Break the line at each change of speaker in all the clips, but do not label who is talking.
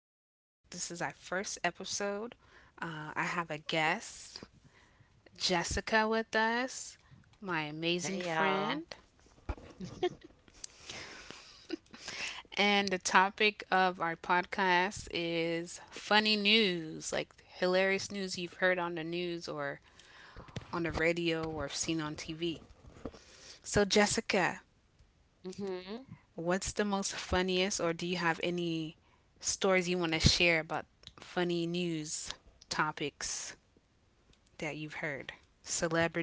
this is our first episode. I have a guest, Jessica, with us, my amazing
Hey, y'all.
friend. And the topic of our podcast is funny news, like hilarious news you've heard on the news or on the radio or seen on TV. So, Jessica,
Mhm.
what's the most funniest, or do you have any stories you want to share about funny news topics that you've heard?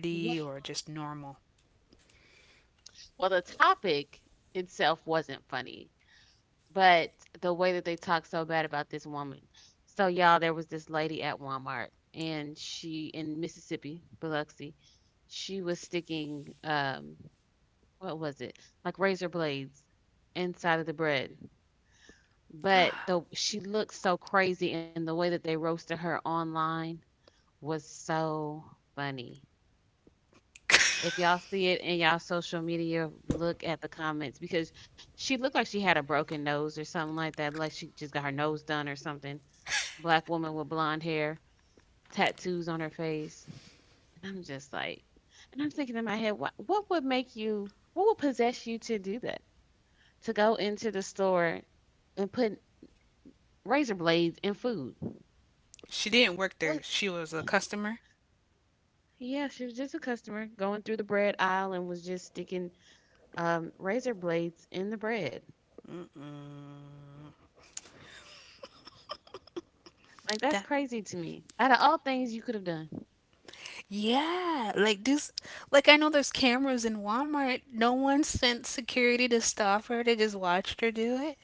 Well,
or just normal?
well, the topic itself wasn't funny, but the way that they talked so bad about this woman. So, y'all, there was this lady at Walmart, and she in Mississippi, Biloxi, she was sticking, what was it? Like razor blades inside of the bread. But the she looked so crazy, and the way that they roasted her online was so funny. If y'all see it in y'all social media, look at the comments because she looked like she had a broken nose or something like that, like she just got her nose done or something. Black woman with blonde hair, tattoos on her face. And I'm just like, and I'm thinking in my head, what would possess you to do that? To go into the store and put razor blades in food.
She didn't work there. She was a customer.
Yeah, she was just a customer going through the bread aisle and was just sticking razor blades in the bread.
Mm-mm.
Like, that's
That
crazy to me. Out of all things you could have done.
Yeah, like this. Like I know there's cameras in Walmart. No one sent security to stop her. They just watched her do it.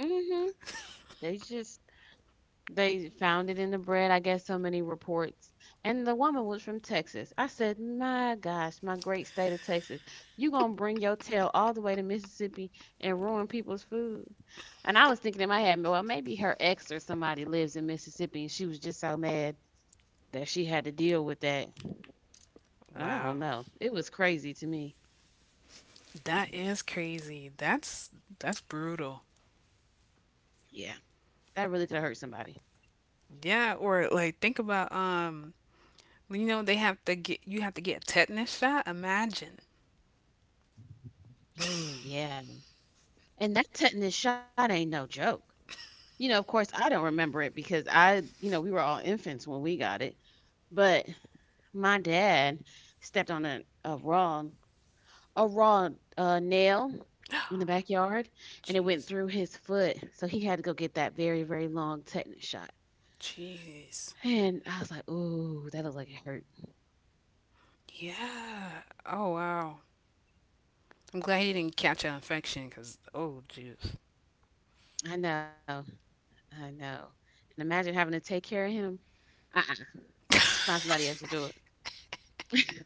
Mhm. They just they found it in the bread, I guess, so many reports. And the woman was from Texas. I said, "My gosh, my great state of Texas. You going to bring your tail all the way to Mississippi and ruin people's food?" And I was thinking in my head, well, maybe her ex or somebody lives in Mississippi and she was just so mad that she had to deal with that. I
Wow,
don't know. It was crazy to me.
that is crazy. That's brutal.
Yeah. That really could have hurt somebody.
Yeah, or like think about you know they have to get you have to get a tetanus shot. Imagine.
Oh, yeah. And that tetanus shot ain't no joke. You know, of course, I don't remember it because we were all infants when we got it. But my dad stepped on a raw nail in the backyard, and it went
Jeez.
through his foot. So he had to go get that very very long tetanus shot.
Jeez.
And I was like, "Ooh, that looked like it hurt."
Yeah. Oh wow. I'm glad he didn't catch an infection because, oh, jeez.
I know, I know. And imagine having to take care of him. Uh-uh. Find somebody else to do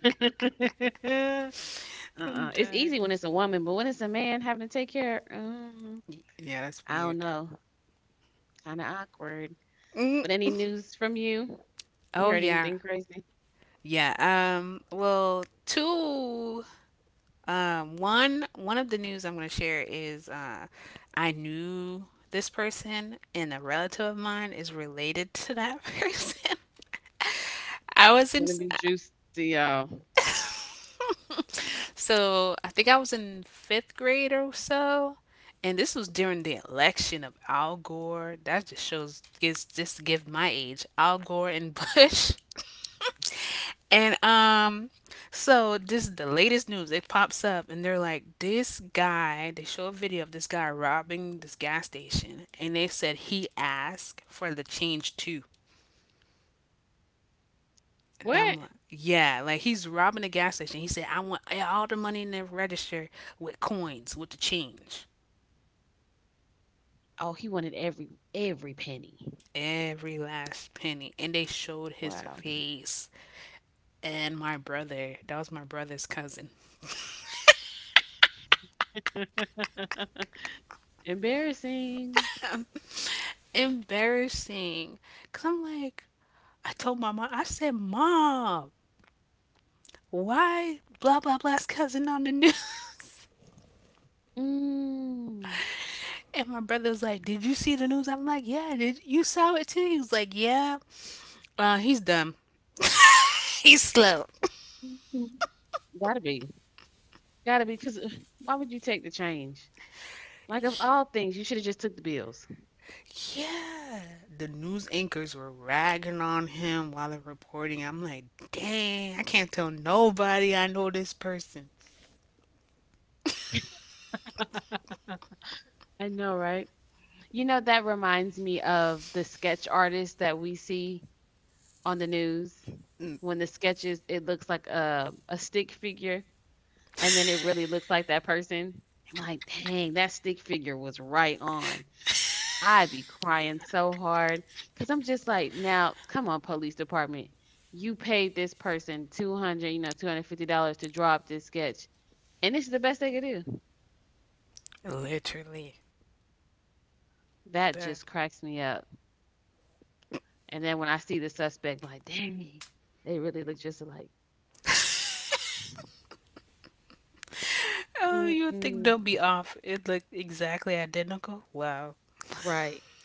it.
I'm
Uh-uh. It's
done.
easy when it's a woman, but when it's a man having to take care,
Yeah, that's
I don't
weird.
know. Kind of awkward.
Mm.
But any news from you? You
Oh,
heard
yeah.
anything crazy?
Yeah. Well, two. One of the news I'm going to share is I knew this person and a relative of mine is related to that person. I was
It's
in
gonna be juicy, y'all.
So I think I was in fifth grade or so, and this was during the election of Al Gore. That just shows gives just give my age. Al Gore and Bush. And so this is the latest news. It pops up, and they're like, "This guy." They show a video of this guy robbing this gas station, and they said he asked for the change too. And
What?
I'm like, yeah, like he's robbing a gas station. He said, I want all the money in the register with coins, with the change.
Oh, he wanted every penny.
Every last penny. And they showed his
Wow.
face. And my brother, that was my brother's cousin.
Embarrassing.
Embarrassing. Because I'm like, I told my mom, I said, Mom, why blah, blah, blah's cousin on the news?
Mm.
And my brother was like, Did you see the news? I'm like, Yeah, did you saw it too? He was like, Yeah. He's dumb. He's slow.
Gotta be. Gotta be. Cause why would you take the change? Like, of all things, you should have just took the bills.
Yeah, the news anchors were ragging on him while they're reporting. I'm like, dang, I can't tell nobody I know this person.
I know, right? You know, that reminds me of the sketch artist that we see on the news.
Mm.
When the sketches, it looks like a stick figure, and then it really looks like that person. I'm like, dang, that stick figure was right on. I'd be crying so hard because I'm just like, now, come on, police department. You paid this person 200, you know, $250 to draw up this sketch, and this is the best they could do.
Literally.
That
That.
just cracks me up. And then when I see the suspect, I'm like, dang, they really look just alike.
Oh, you would think they'll be
Mm-mm.
off. It looked exactly identical. Wow.
Right.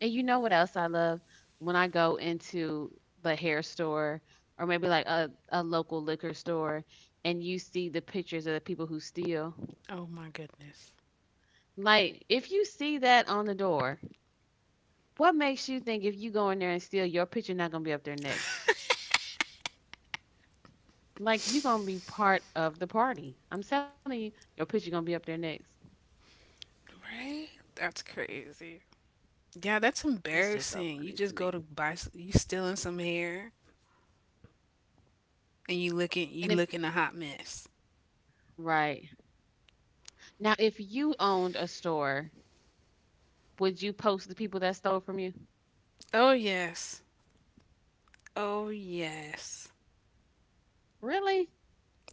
And you know what else I love? When I go into the hair store or maybe like a local liquor store and you see the pictures of the people who steal.
Oh my goodness.
Like, if you see that on the door, what makes you think if you go in there and steal, your picture not going to be up there next? Like, you're going to be part of the party. I'm telling you, your picture going to be up there next.
Right? That's crazy. Yeah, that's
That's just so
embarrassing.
funny
You
to
just
me.
go to buy, you stealing some hair, and you looking, you
And it,
looking a hot mess.
right. Now, if you owned a store, would you post the people that stole from you?
Oh yes. Oh yes.
Really?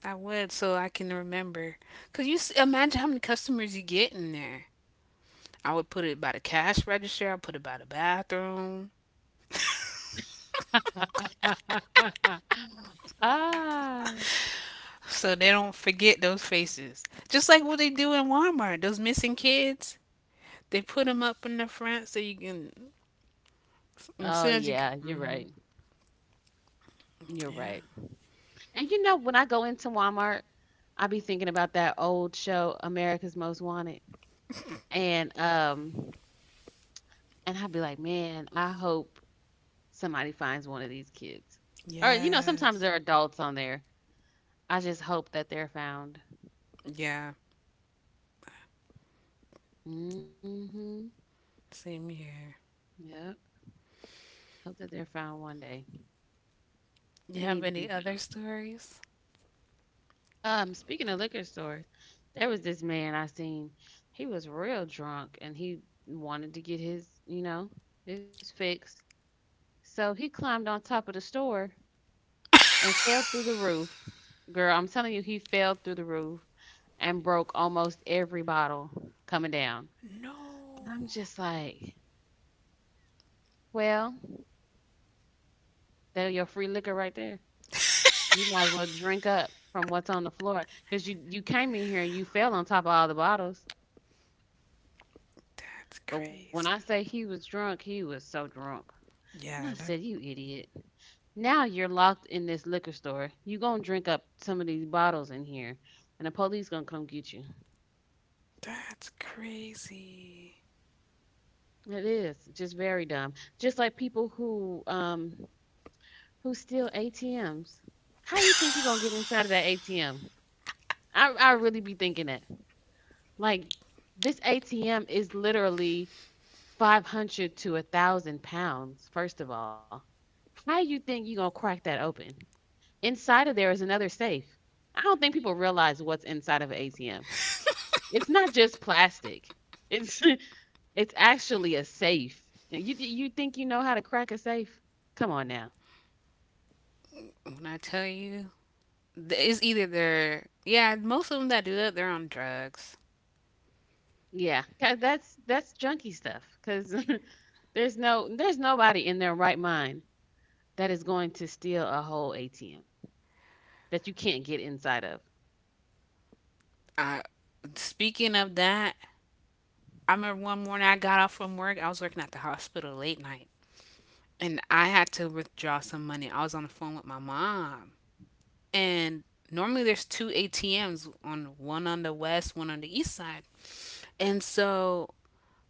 I would so I can remember. Cause you imagine how many customers you get in there. I would put it by the cash register. I put it by the bathroom,
Ah.
so they don't forget those faces. Just like what they do in Walmart, those missing kids. They put them up in the front so you can, as
Oh
soon as you come.
yeah, you're
Mm,
right. You're right.
yeah.
And you know, when I go into Walmart, I be thinking about that old show, America's Most Wanted. And um and I'd be like, man, I hope somebody finds one of these kids. Or you know, sometimes
Yes.
there are adults on there. I just hope that they're found.
Yeah.
Mm-hmm.
Same here.
Yep. Hope that they're found one day.
You
They
have
need to be
any other
found.
stories?
Speaking of liquor stores, there was this man I seen. He was real drunk, and he wanted to get his, you know, his fix. So he climbed on top of the store and fell through the roof. Girl, I'm telling you, he fell through the roof and broke almost every bottle coming down.
No.
I'm just like, well, there your free liquor right there. You might as well drink up from what's on the floor because you came in here and you fell on top of all the bottles.
That's
But when I say
crazy.
he was drunk, he was so drunk. And I
Yeah.
said,
That
"You idiot. Now you're locked in this liquor store. You gonna drink up some of these bottles in here, and the police gonna come get you."
that's crazy.
It is just very dumb. Just like people who steal ATMs. How you think you gonna get inside of that ATM? I really be thinking that. Like, this ATM is literally 500 to 1,000 pounds, first of all. How you think you gonna crack that open? Inside of there is another safe. I don't think people realize what's inside of an ATM. It's not just plastic. It's it's actually a safe. You think you know how to crack a safe? Come on now.
When I tell you, it's either they're yeah, most of them that do that they're on drugs.
Yeah, 'cause that's junky stuff. Cause there's no there's nobody in their right mind that is going to steal a whole ATM that you can't get inside of.
Uh, Speaking of that, I remember one morning I got off from work. I was working at the hospital late night, and I had to withdraw some money. I was on the phone with my mom, and normally there's two ATMs, on one on the west, one on the east side, and so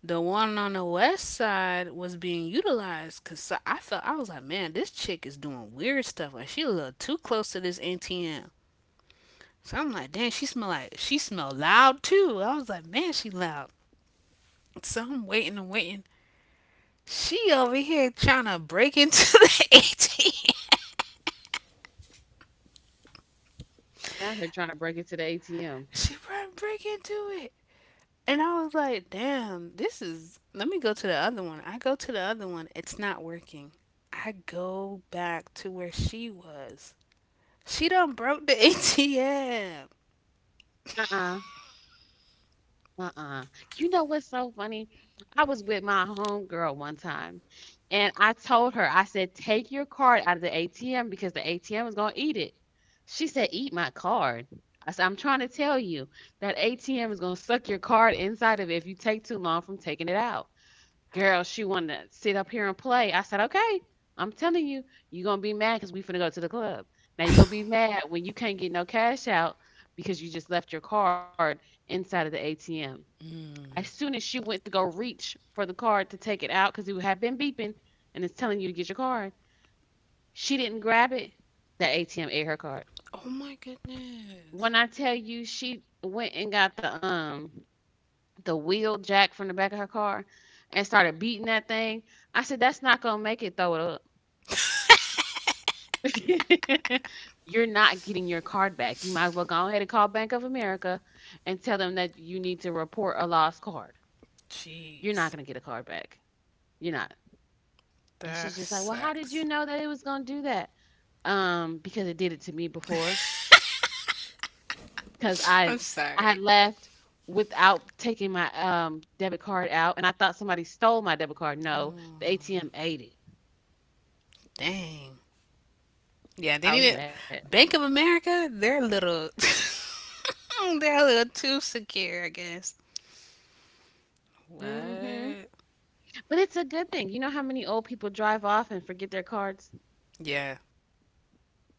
the one on the west side was being utilized because I felt I was like, man, this chick is doing weird stuff. Like she a little too close to this ATM. So I'm like, dang, she smell like she smell loud too. I was like, man, she loud. So I'm waiting and waiting. She over here trying to break into the ATM.
Not her trying to break into the ATM.
She trying to break into it. And I was like, damn, this is. Let me go to the other one. I go to the other one. It's not working. I go back to where she was. She done broke the ATM.
Uh. Uh-uh. You know what's so funny? I was with my homegirl one time, and I told her, I said, "Take your card out of the ATM because the ATM is gonna eat it." She said, "Eat my card." I said, "I'm trying to tell you that ATM is gonna suck your card inside of it if you take too long from taking it out." Girl, she wanted to sit up here and play. I said, "Okay, I'm telling you, you're gonna be mad because we finna go to the club. Now you're gonna be mad when you can't get no cash out because you just left your card inside of the ATM." As soon as she went to go reach for the card to take it out, because it had been beeping and it's telling you to get your card, she didn't grab it. That ATM ate her card.
Oh my goodness.
When I tell you, she went and got the wheel jack from the back of her car and started beating that thing. I said, "That's not gonna make it. Throw it up. You're not getting your card back. You might as well go ahead and call Bank of America and tell them that you need to report a lost card. You're not gonna
Jeez,
get a card back. You're not." And she's
that
just like, "Well, how did you
sucks.
know that it was gonna do that?" Because it did it to me before. Because
I'm
I
sorry.
had left without taking my debit card out, and I thought somebody stole my debit card. No,
Oh,
the ATM ate it.
dang. Yeah, they
I
need
was
it.
mad.
Bank of America, they're a little too secure, I guess.
Hmm.
What?
But it's a good thing. You know how many old people drive off and forget their cards?
Yeah.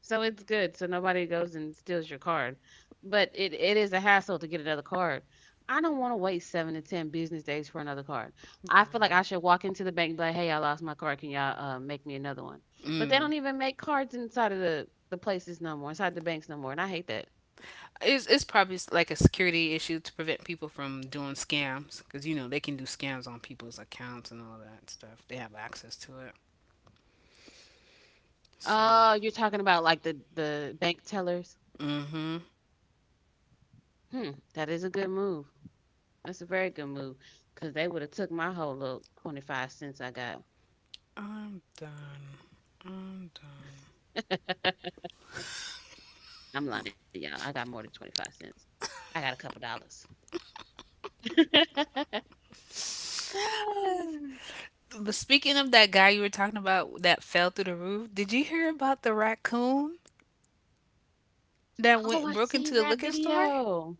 So it's good, so nobody goes and steals your card, but it is a hassle to get another card. I don't wanna wait 7 to 10 business days for another card. I feel like I should walk into the bank and be like, "Hey, I lost my card. Can y'all, make me another one?" But they
Mm.
don't even make cards inside of the places no more, inside the banks no more, and I hate that.
It's probably like a security issue to prevent people from doing scams because you know they can do scams on people's accounts and all that stuff. They have access to it. So,
Oh, you're talking about, like, the bank tellers?
mm-hmm.
Hmm, that is a good move. That's a very good move, 'cause they would've took my whole little 25 cents I got.
I'm done. I'm done.
I'm lying, y'all. I got more than 25 cents. I got a couple dollars.
Okay. But speaking of that guy you were talking about that fell through the roof, did you hear about the raccoon that
Oh,
went
I
broke into
seen
the
that
liquor store?
video.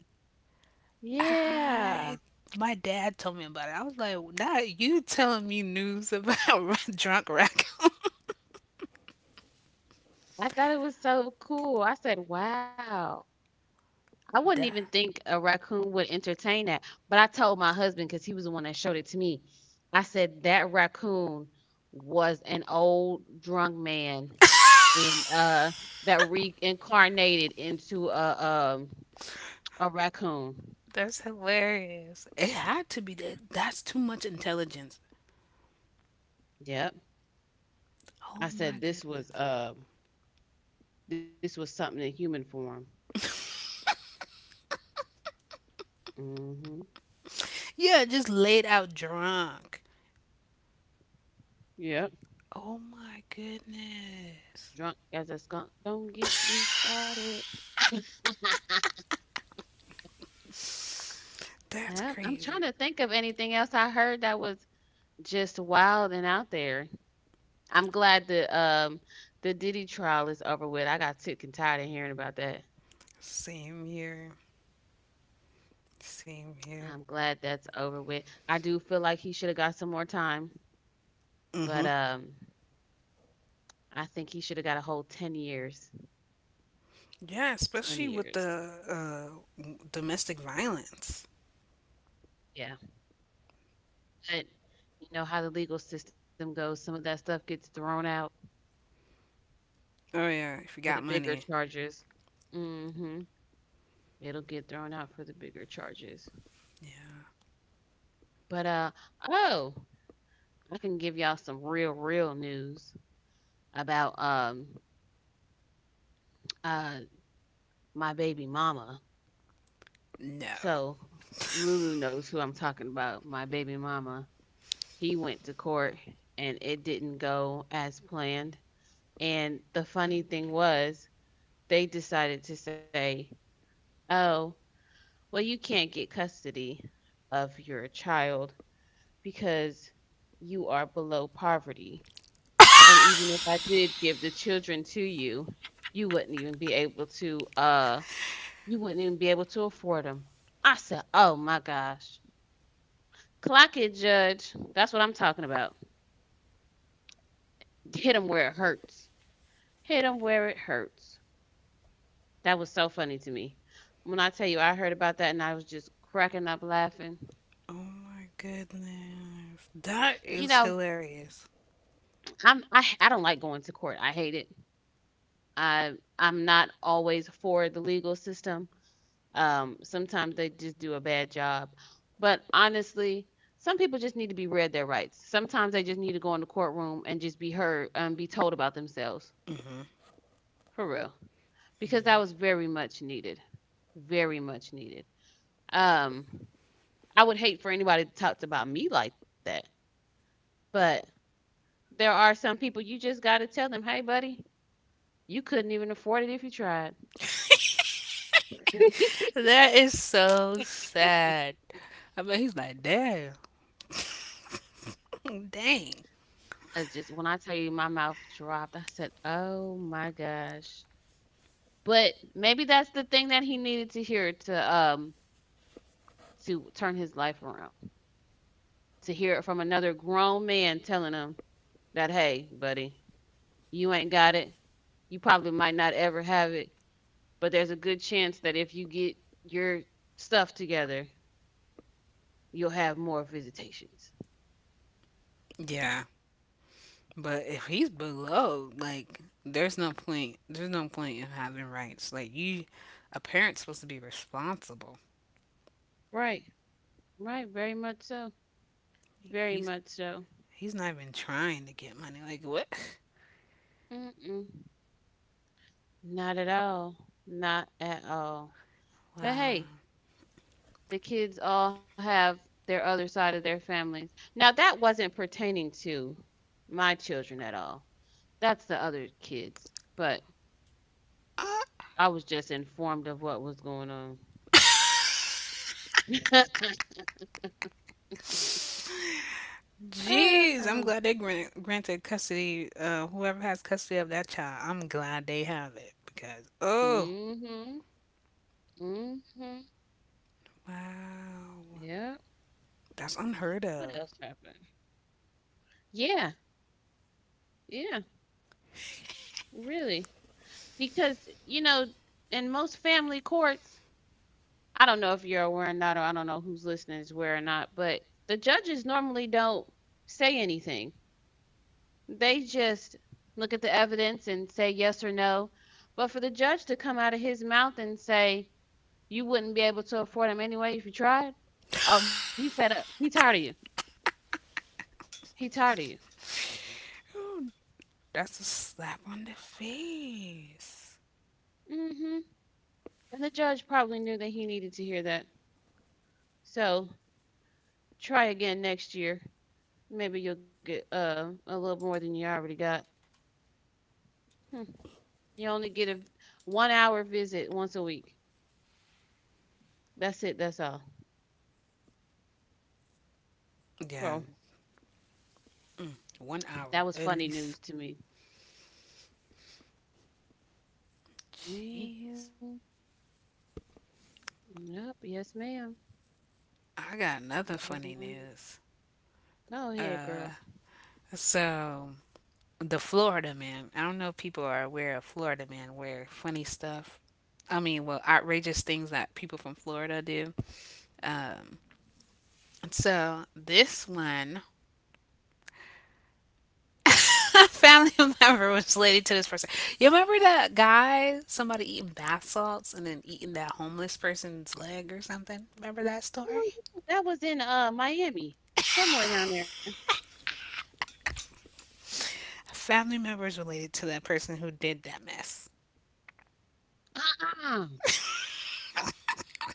Yeah.
I
I
My dad told me about it. I was like, "Nah, you telling me news about drunk raccoon?"
thought it was so cool. I said, wow. I wouldn't
Duh.
even think a raccoon would entertain that. But I told my husband because he was the one that showed it to me. I said, that raccoon was an old drunk man and that reincarnated into a raccoon.
That's hilarious. It had to be that. That's too much intelligence.
Yep.
Oh
I said,
my goodness.
this was something in human form. Mm-hmm.
Yeah, just laid out drunk.
Yep.
Oh my goodness.
Drunk as a skunk. Don't get me started.
That's
I'm trying
crazy.
to think of anything else I heard that was just wild and out there. I'm glad the Diddy trial is over with. I got sick and tired of hearing about that.
Same here. Same
I'm
here.
glad that's over with. I do feel like he should have got some more time, but
Mhm.
I think he should have got a whole 10 years.
Yeah,
10
especially with
years.
the domestic violence.
Yeah, but you know how the legal system goes. Some of that stuff gets thrown out
Oh yeah, if you
for the
got
bigger
money.
charges. Mm-hmm. It'll get thrown out for the bigger charges.
Yeah.
But oh, I can give y'all some real real news about uh my baby mama.
No.
So Lulu knows who I'm talking about. My baby mama. He went to court and it didn't go as planned. And the funny thing was, they decided to say, "Oh, well, you can't get custody of your child because you are below poverty. And even if I did give the children to you, you wouldn't even be able to you wouldn't even be able to afford them." I said, "Oh my gosh. Clock it, judge. That's what I'm talking about. Hit 'em where it hurts. Hit 'em where it hurts." That was so funny to me. When I tell you I heard about that and I was just cracking up laughing.
Oh my goodness.
You
That
know,
is hilarious.
I'm I am I don't like going to court, I hate it. i I'm not always for the legal system, sometimes they just do a bad job, but honestly, some people just need to be read their rights. Sometimes they just need to go in the courtroom and just be heard and be told about themselves,
Mhm.
for real, because that was very much needed, very much needed. Um, I would hate for anybody to talk about me like that, but there are some people you just gotta tell them, "Hey, buddy, you couldn't even afford it if you tried."
That is so sad. I mean, he's like, damn, dang,
I just when I tell you my mouth dropped, I said, "Oh my gosh." But maybe that's the thing that he needed to hear to turn his life around. To hear it from another grown man telling him that, "Hey, buddy, you ain't got it. You probably might not ever have it, but there's a good chance that if you get your stuff together, you'll have more visitations."
yeah. But if he's below, like, there's no point. There's no point in having rights. Like, you, a parent's supposed to be responsible.
Right. Right, very much so. Very
He's
much so.
he's not even trying to get money. Like, what?
Mm-mm. Not at all. Not at all. But
Wow.
hey, the kids all have their other side of their families. Now, that wasn't pertaining to my children at all. That's the other kids. But
Ah,
I was just informed of what was going on.
jeez, I'm
Mm-hmm.
glad they granted custody. Whoever has custody of that child, I'm glad they have it because oh
Mm-hmm.
wow,
Yeah.
that's unheard
What
of.
else happened? Yeah. Yeah. Really. Because, you know, in most family courts, I don't know if you're aware or not, or I don't know who's listening is aware or not, but the judges normally don't say anything. They just look at the evidence and say yes or no. But for the judge to come out of his mouth and say, you wouldn't be able to afford him anyway if you tried, oh, he fed up. He tired of you. He tired of you.
That's a slap on the face.
Mm hmm And the judge probably knew that he needed to hear that. So try again next year. Maybe you'll get a little more than you already got. Hmm. You only get a 1 hour visit once a week. That's it. That's all.
Yeah,
So
1 hour
that was
at
funny
least.
news to me. Hmm.
Jeez.
Yep. Yes, ma'am.
I got
That
another
was
funny
my.
news.
Go ahead,
Uh,
girl.
so the Florida man. I don't know if people are aware of Florida man, where funny stuff. I mean, well, outrageous things that people from Florida do. Um, so this one family member was related to this person. You remember that guy, somebody eating bath salts and then eating that homeless person's leg or something? Remember that
Oh
story?
yeah, that was in Miami, somewhere down there.
A family member is related to that person who did that mess.
Uh-uh.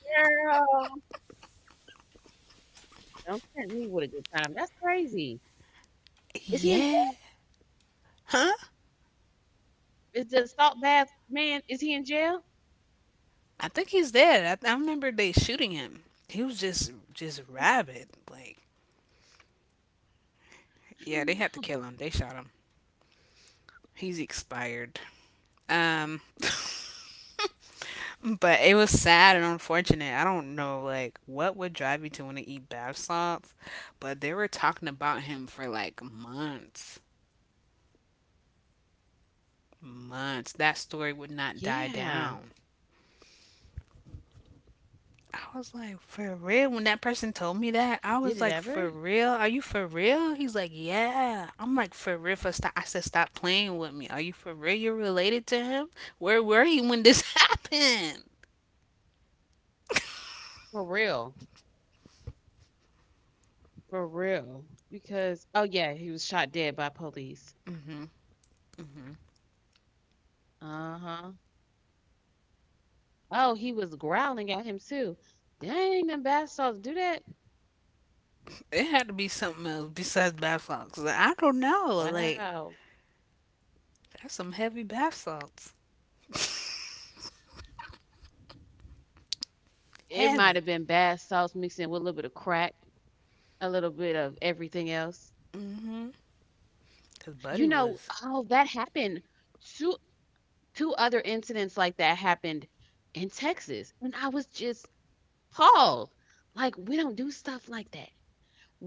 Girl, don't tempt me with a good time. That's crazy. Is he in
Yeah.
jail?
Huh?
Is the salt bath man? Is he in jail?
I think he's dead. I remember they shooting him. He was just rabid. Like,
I
yeah, they had to
don't
kill
know.
him. They shot him. He's expired. Um, but it was sad and unfortunate. I don't know, like, what would drive you to want to eat bath salts, but they were talking about him for like months, months. That story
Yeah,
would not die down. I was like, for real? When that person
he
told me
did it
that, I
ever
was like, for real? Are you for real? He's like, yeah. I'm like, for real? For stop. I said, stop playing with me. Are you for real? You're related to him? Where were you when this happened?
for real. For real. Because oh yeah, he was shot dead by police.
Hmm. Hmm.
Uh-huh. Oh, he was growling at him too. Dang, them bath salts do that?
It had to be something else besides bath salts, 'cause I don't
Wow.
know. Like, that's some heavy bath salts.
It might have been bath
Heavy.
salts mixed in with a little bit of crack, a little bit of everything else.
Mm-hmm. Because
You
Buddy
know,
was,
oh, that happened. Two Two other incidents like that happened in Texas. And I was just appalled. Like, we don't do stuff like that.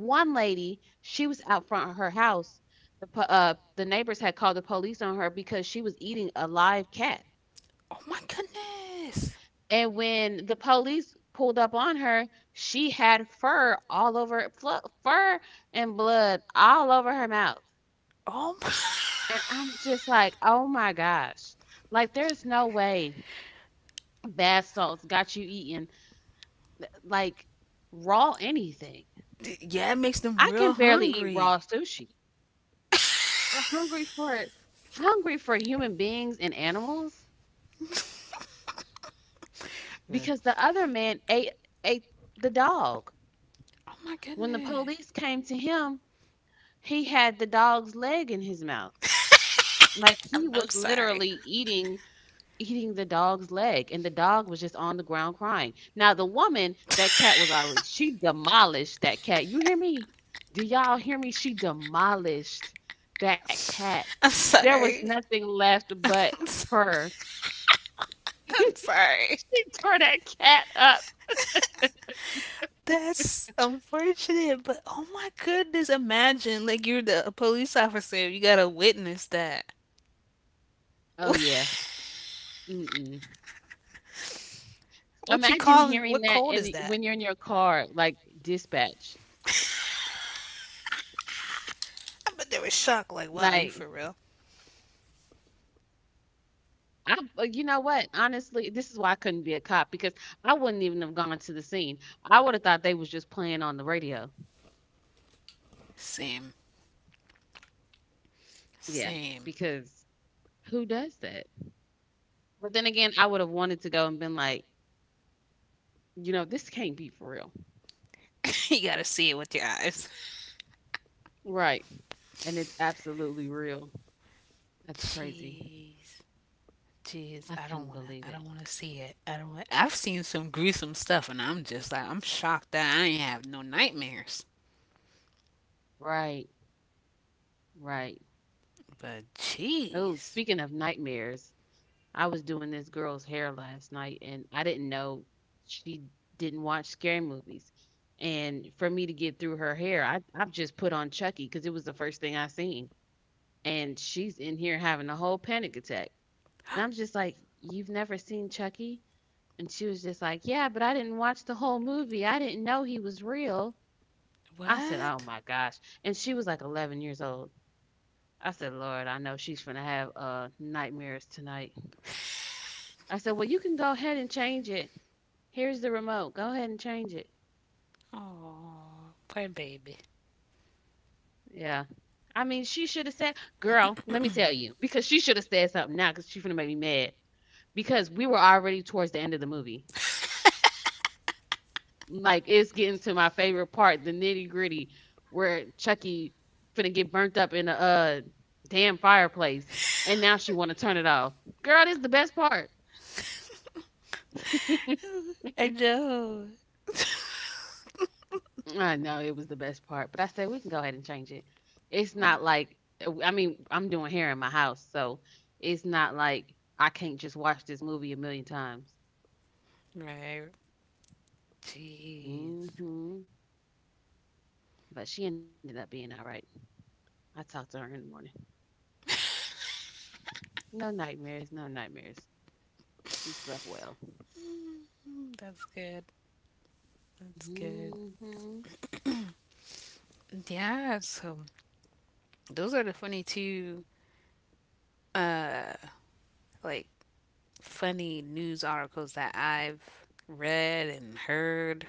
One lady, she was out front of her house. The the neighbors had called the police on her because she was eating a live cat.
oh my goodness.
And when the police pulled up on her, she had fur all over fur and blood all over her mouth.
Oh my.
And I'm just like, "Oh my gosh. Like there's no way bath salts got you eating like raw anything."
Yeah, it makes them
I can
real
barely eat raw
hungry.
sushi. We're hungry for it. Hungry for human beings and animals
Yeah.
because the other man ate ate the dog.
Oh my
When the
goodness.
police came to him, he had the dog's leg in his mouth. Like
I'm
he
so
was
sorry.
literally eating the dog's leg and the dog was just on the ground crying. Now the woman, that cat was already she demolished that cat. You hear me? Do y'all hear me? She demolished that cat.
I'm
There was
sorry.
nothing left but
I'm so-
fur.
I'm sorry.
She tore that cat up.
That's unfortunate, but oh my goodness, imagine like you're the a police officer, you gotta witness that.
Oh, yeah. Mm-mm.
What you
Imagine
calling?
hearing
What
that
cold is
in
that?
when you're in your car, like, dispatch.
I bet they were shocked. Like, wow, are you
Like,
for real?
I you know what? Honestly, this is why I couldn't be a cop because I wouldn't even have gone to the scene. I would have thought they was just playing on the radio.
Same,
Yeah,
same.
because who does that? But then again, I would have wanted to go and been like, you know, this can't be for real.
You gotta see it with your eyes.
Right. And it's absolutely real. That's crazy.
Jeez,
I
jeez. I
couldn't
don't wanna.
believe
I
it.
don't wanna see it. I don't. Wanna, I've seen some gruesome stuff, and I'm just like, I'm shocked that I ain't have no nightmares.
Right. Right.
But
Oh,
jeez,
speaking of nightmares, I was doing this girl's hair last night and I didn't know she didn't watch scary movies. And for me to get through her hair, I've just put on Chucky because it was the first thing I seen. And she's in here having a whole panic attack. And I'm just like, "You've never seen Chucky?" And she was just like, "Yeah, but I didn't watch the whole movie. I didn't know he was real." I said, "Oh
what?
my gosh." And she was like 11 years old. I said, "Lord, I know she's going to have nightmares tonight." I said, "Well, you can go ahead and change it. Here's the remote. Go ahead and change it."
Oh, poor baby.
Yeah. I mean, she should have said, girl, let me tell you, because she should have said something now because she's going to make me mad because we were already towards the end of the movie. Like, it's getting to my favorite part, the nitty gritty, where Chucky finna get burnt up in a damn fireplace. And now she want to turn it off. Girl, this is the best part.
I know.
I know it was the best part, but I said we can go ahead and change it. It's not
Oh.
like I mean, I'm doing hair in my house, so it's not like I can't just watch this movie a million times.
Right. Jeez.
Mhm. But she ended up being all right. I talked to her in the morning. No nightmares, no nightmares. She slept well.
Mm, that's good. That's good.
Mhm.
Yeah, so those are the funny two uh like funny news articles that I've read and heard.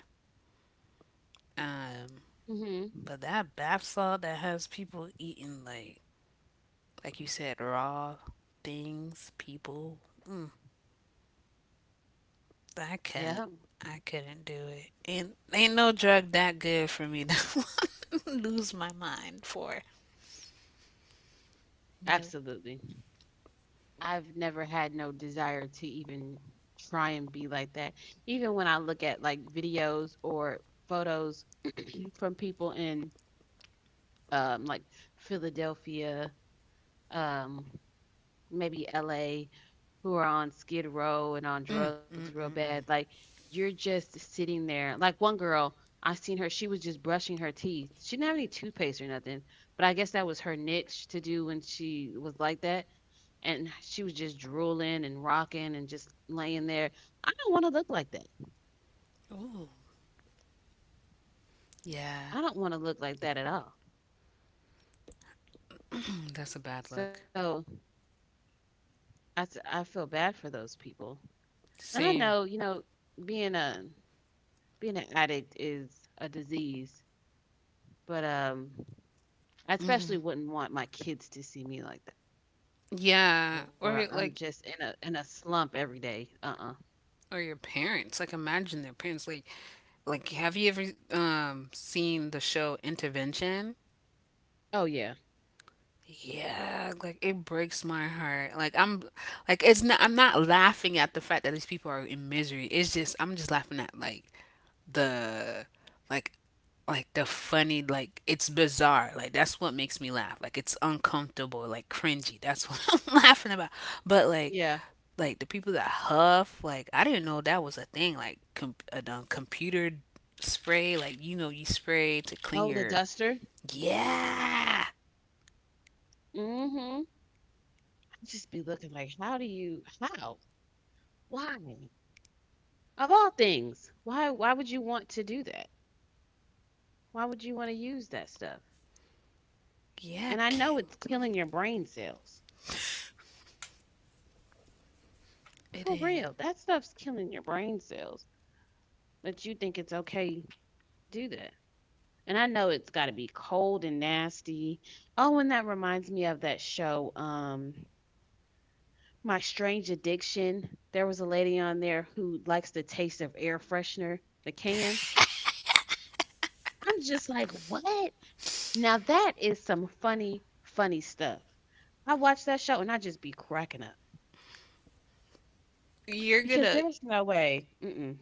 Um
Mhm.
but that bath salt that has people eating like you said, raw things, people. Mm, I couldn't
Yeah,
I couldn't do it. And ain't no drug that good for me to lose my mind for. Nope.
absolutely. I've never had no desire to even try and be like that. Even when I look at like videos or photos from people in like Philadelphia, um, maybe LA, who are on Skid Row and on
Mm, mm,
drugs real
mm,
bad.
mm.
Like you're just sitting there. Like one girl, I seen her. She was just brushing her teeth. She didn't have any toothpaste or nothing, but I guess that was her niche to do when she was like that. And she was just drooling and rocking and just laying there. I don't want to look like that.
Ooh. Yeah.
I don't want to look like that at all.
That's a bad look.
So I feel bad for those people. And I
Same.
know, you know, being a being an addict is a disease, but I especially
Hmm.
wouldn't want my kids to see me like that.
Yeah,
Or I'm
or
just
like
in a slump every day. Uh-uh.
or your parents. Like imagine their parents like have you ever seen the show Intervention?
Oh yeah.
Yeah, like it breaks my heart. Like I'm like it's not I'm not laughing at the fact that these people are in misery. It's just I'm just laughing at like the like like the funny like it's bizarre like that's what makes me laugh like it's uncomfortable like cringy that's what I'm laughing about but
Yeah.
like the people that huff like I didn't know that was a thing like a computer spray like you know you spray to
Oh, the
clean your
duster.
yeah
Mm-hmm. I'd just be looking like, how do you how? Why? Of all things, why would you want to do that? Why would you want to use that stuff?
yeah
And I know it's
chemicals
killing your brain cells. For
it
real, that
is.
stuff's killing your brain cells. But you think it's okay to do that. And I know it's got to be cold and nasty. Oh, and that reminds me of that show, My Strange Addiction. There was a lady on there who likes the taste of air freshener, the can. I'm just like, what? Now that is some funny, funny stuff. I watch that show and I just be cracking up
you're
because
gonna
there's no way. Mm-mm.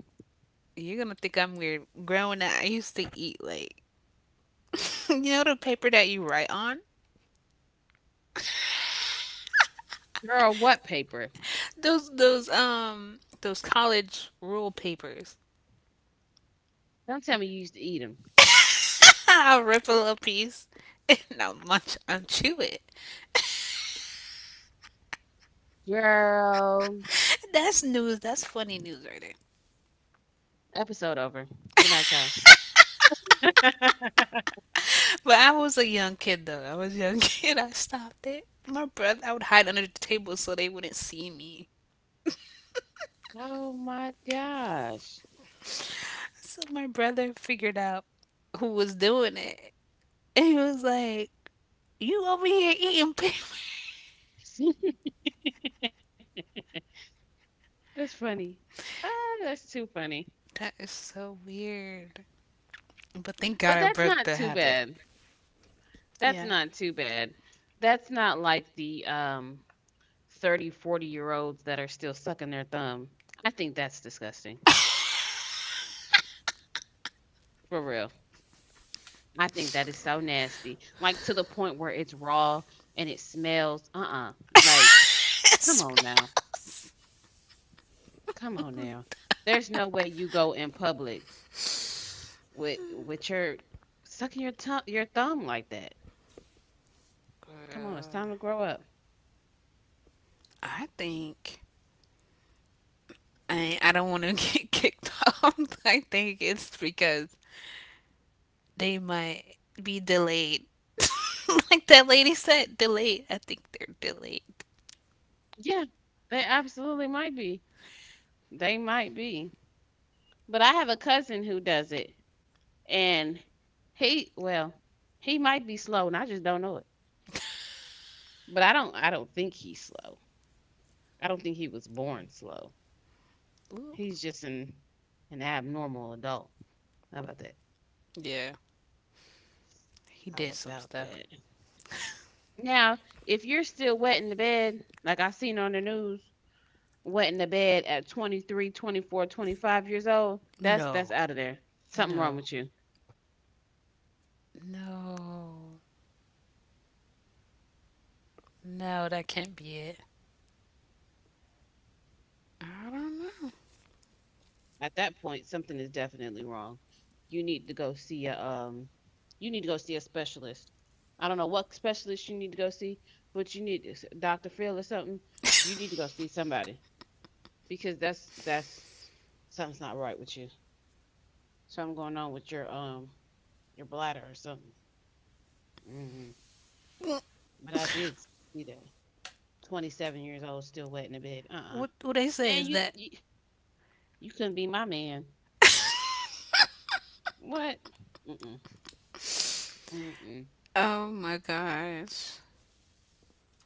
you're gonna think I'm weird growing up I used to eat like you know the paper that you write on,
Girl, what paper?
those those college rule papers.
Don't tell me you used to eat them.
I'll rip a little piece and I'll munch and chew it.
Girl,
That's funny news right there.
episode over. Good night, y'all.
But I was a young kid though. I was a young kid. I stopped it. My brother, I would hide under the table so they wouldn't see me.
Oh my gosh.
So my brother figured out who was doing it, and he was like, "You over here eating paper?
That's funny. Ah, that's too funny.
That is so weird." But thank God
But
I
that's
broke
not
the
too
habit.
bad. That's
Yeah.
not too bad. That's not like the 30, 40 olds that are still sucking their thumb. I think that's disgusting. For real. I think that is so nasty. Like to the point where it's raw and it smells. Uh-uh. Like,
It
come on now.
smells.
Come on now. There's no way you go in public with your sucking your tongue your thumb like that. Come on, it's
Girl.
time to grow up.
I think I don't want to get kicked off. I think it's because they might be delayed. Like that lady said, delayed. I think they're delayed.
Yeah, they absolutely might be. They might be. But I have a cousin who does it, and he well, he might be slow, and I just don't know it. But I don't think he's slow. I don't think he was born slow.
Ooh.
He's just an abnormal adult. How about that?
Yeah. He
How
did some
about
stuff.
that? Now, if you're still wet in the bed, like I seen on the news, went to bed at 23, 24, 25 old, that's
No,
out of there. Something wrong
no,
with you.
no, no. That can't be it. I don't know.
At that point, something is definitely wrong. You need to go see a you need to go see a specialist. I don't know what specialist you need to go see, but you need Dr. Phil or something. You need to go see somebody because that's something's not right with you. Something going on with your bladder or something. Hmm.
What
But I did see that. 27 years old, still wet in the bed. Uh-uh.
what they say
And
is that
you you couldn't be my man. What? Mm-mm, mm-mm.
oh my gosh.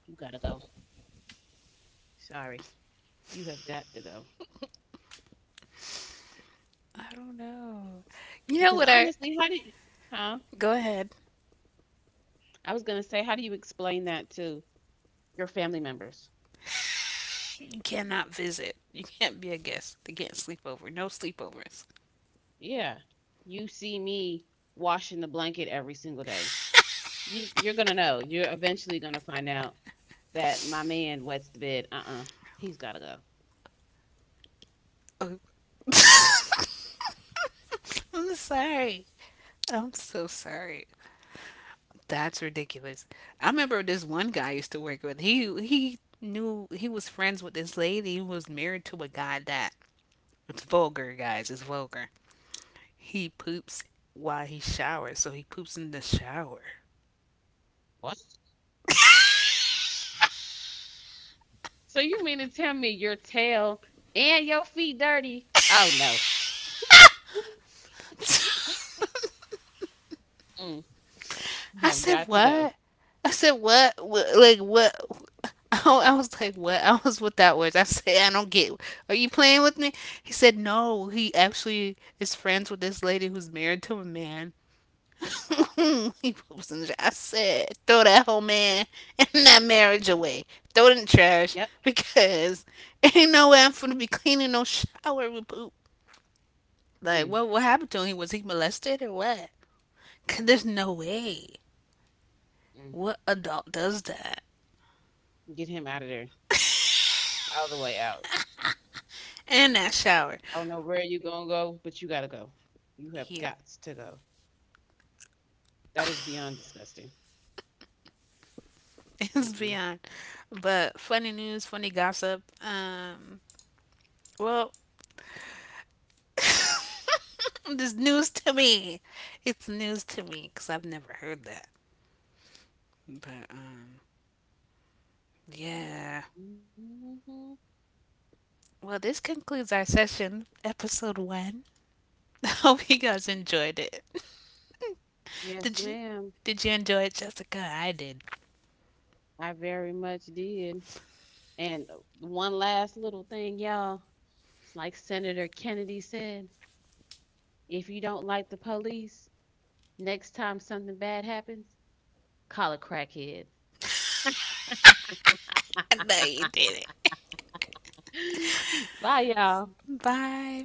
You gotta go. Sorry, you have got to go.
I don't know. You know
Because
what I
honestly, how did? Huh?
go ahead.
I was gonna say, how do you explain that to your family members?
You cannot visit. You can't be a guest. They can't sleep over. No sleepovers.
Yeah, you see me washing the blanket every single day. You're gonna know. You're eventually gonna find out that my man wets the bed. Uh-uh, he's gotta go.
Oh. I'm sorry. I'm so sorry. That's ridiculous. I remember this one guy I used to work with. He knew he was friends with this lady who was married to a guy that it's vulgar, guys. It's vulgar. He poops while he showers, so he poops in the shower.
What? So you mean to tell me your tail and your feet dirty? Oh no, Mm, you
I
have
said
got to go.
what? I said what? What like what? I was like, what? I was without words. I said, I don't get. Are you playing with me? He said, no. He actually is friends with this lady who's married to a man he wasn't. I said, throw that whole man and that marriage away. Throw it in the trash
Yep.
because ain't no way I'm finna be cleaning no shower with poop. Like,
Mm,
what happened to him? Was he molested or what? 'Cause
mm,
there's no way.
mm.
What adult does that?
Get him out of there, all the way out.
And that
I
shower.
don't know where you gonna go, but you gotta go. You have
Yeah,
got to go. That is beyond disgusting.
it's
Mm-mm.
beyond. But funny news, funny gossip. Well, this news to me. It's news to me because I've never heard that. But yeah.
Hmm.
Well, this concludes our session, episode 1. I hope you guys enjoyed it.
Yes,
Did you
ma'am.
did you enjoy it, Jessica? I did.
I very much did. And one last little thing, y'all. Like Senator Kennedy said, if you don't like the police, next time something bad happens, call a crackhead.
I know you did it.
Bye, y'all.
Bye.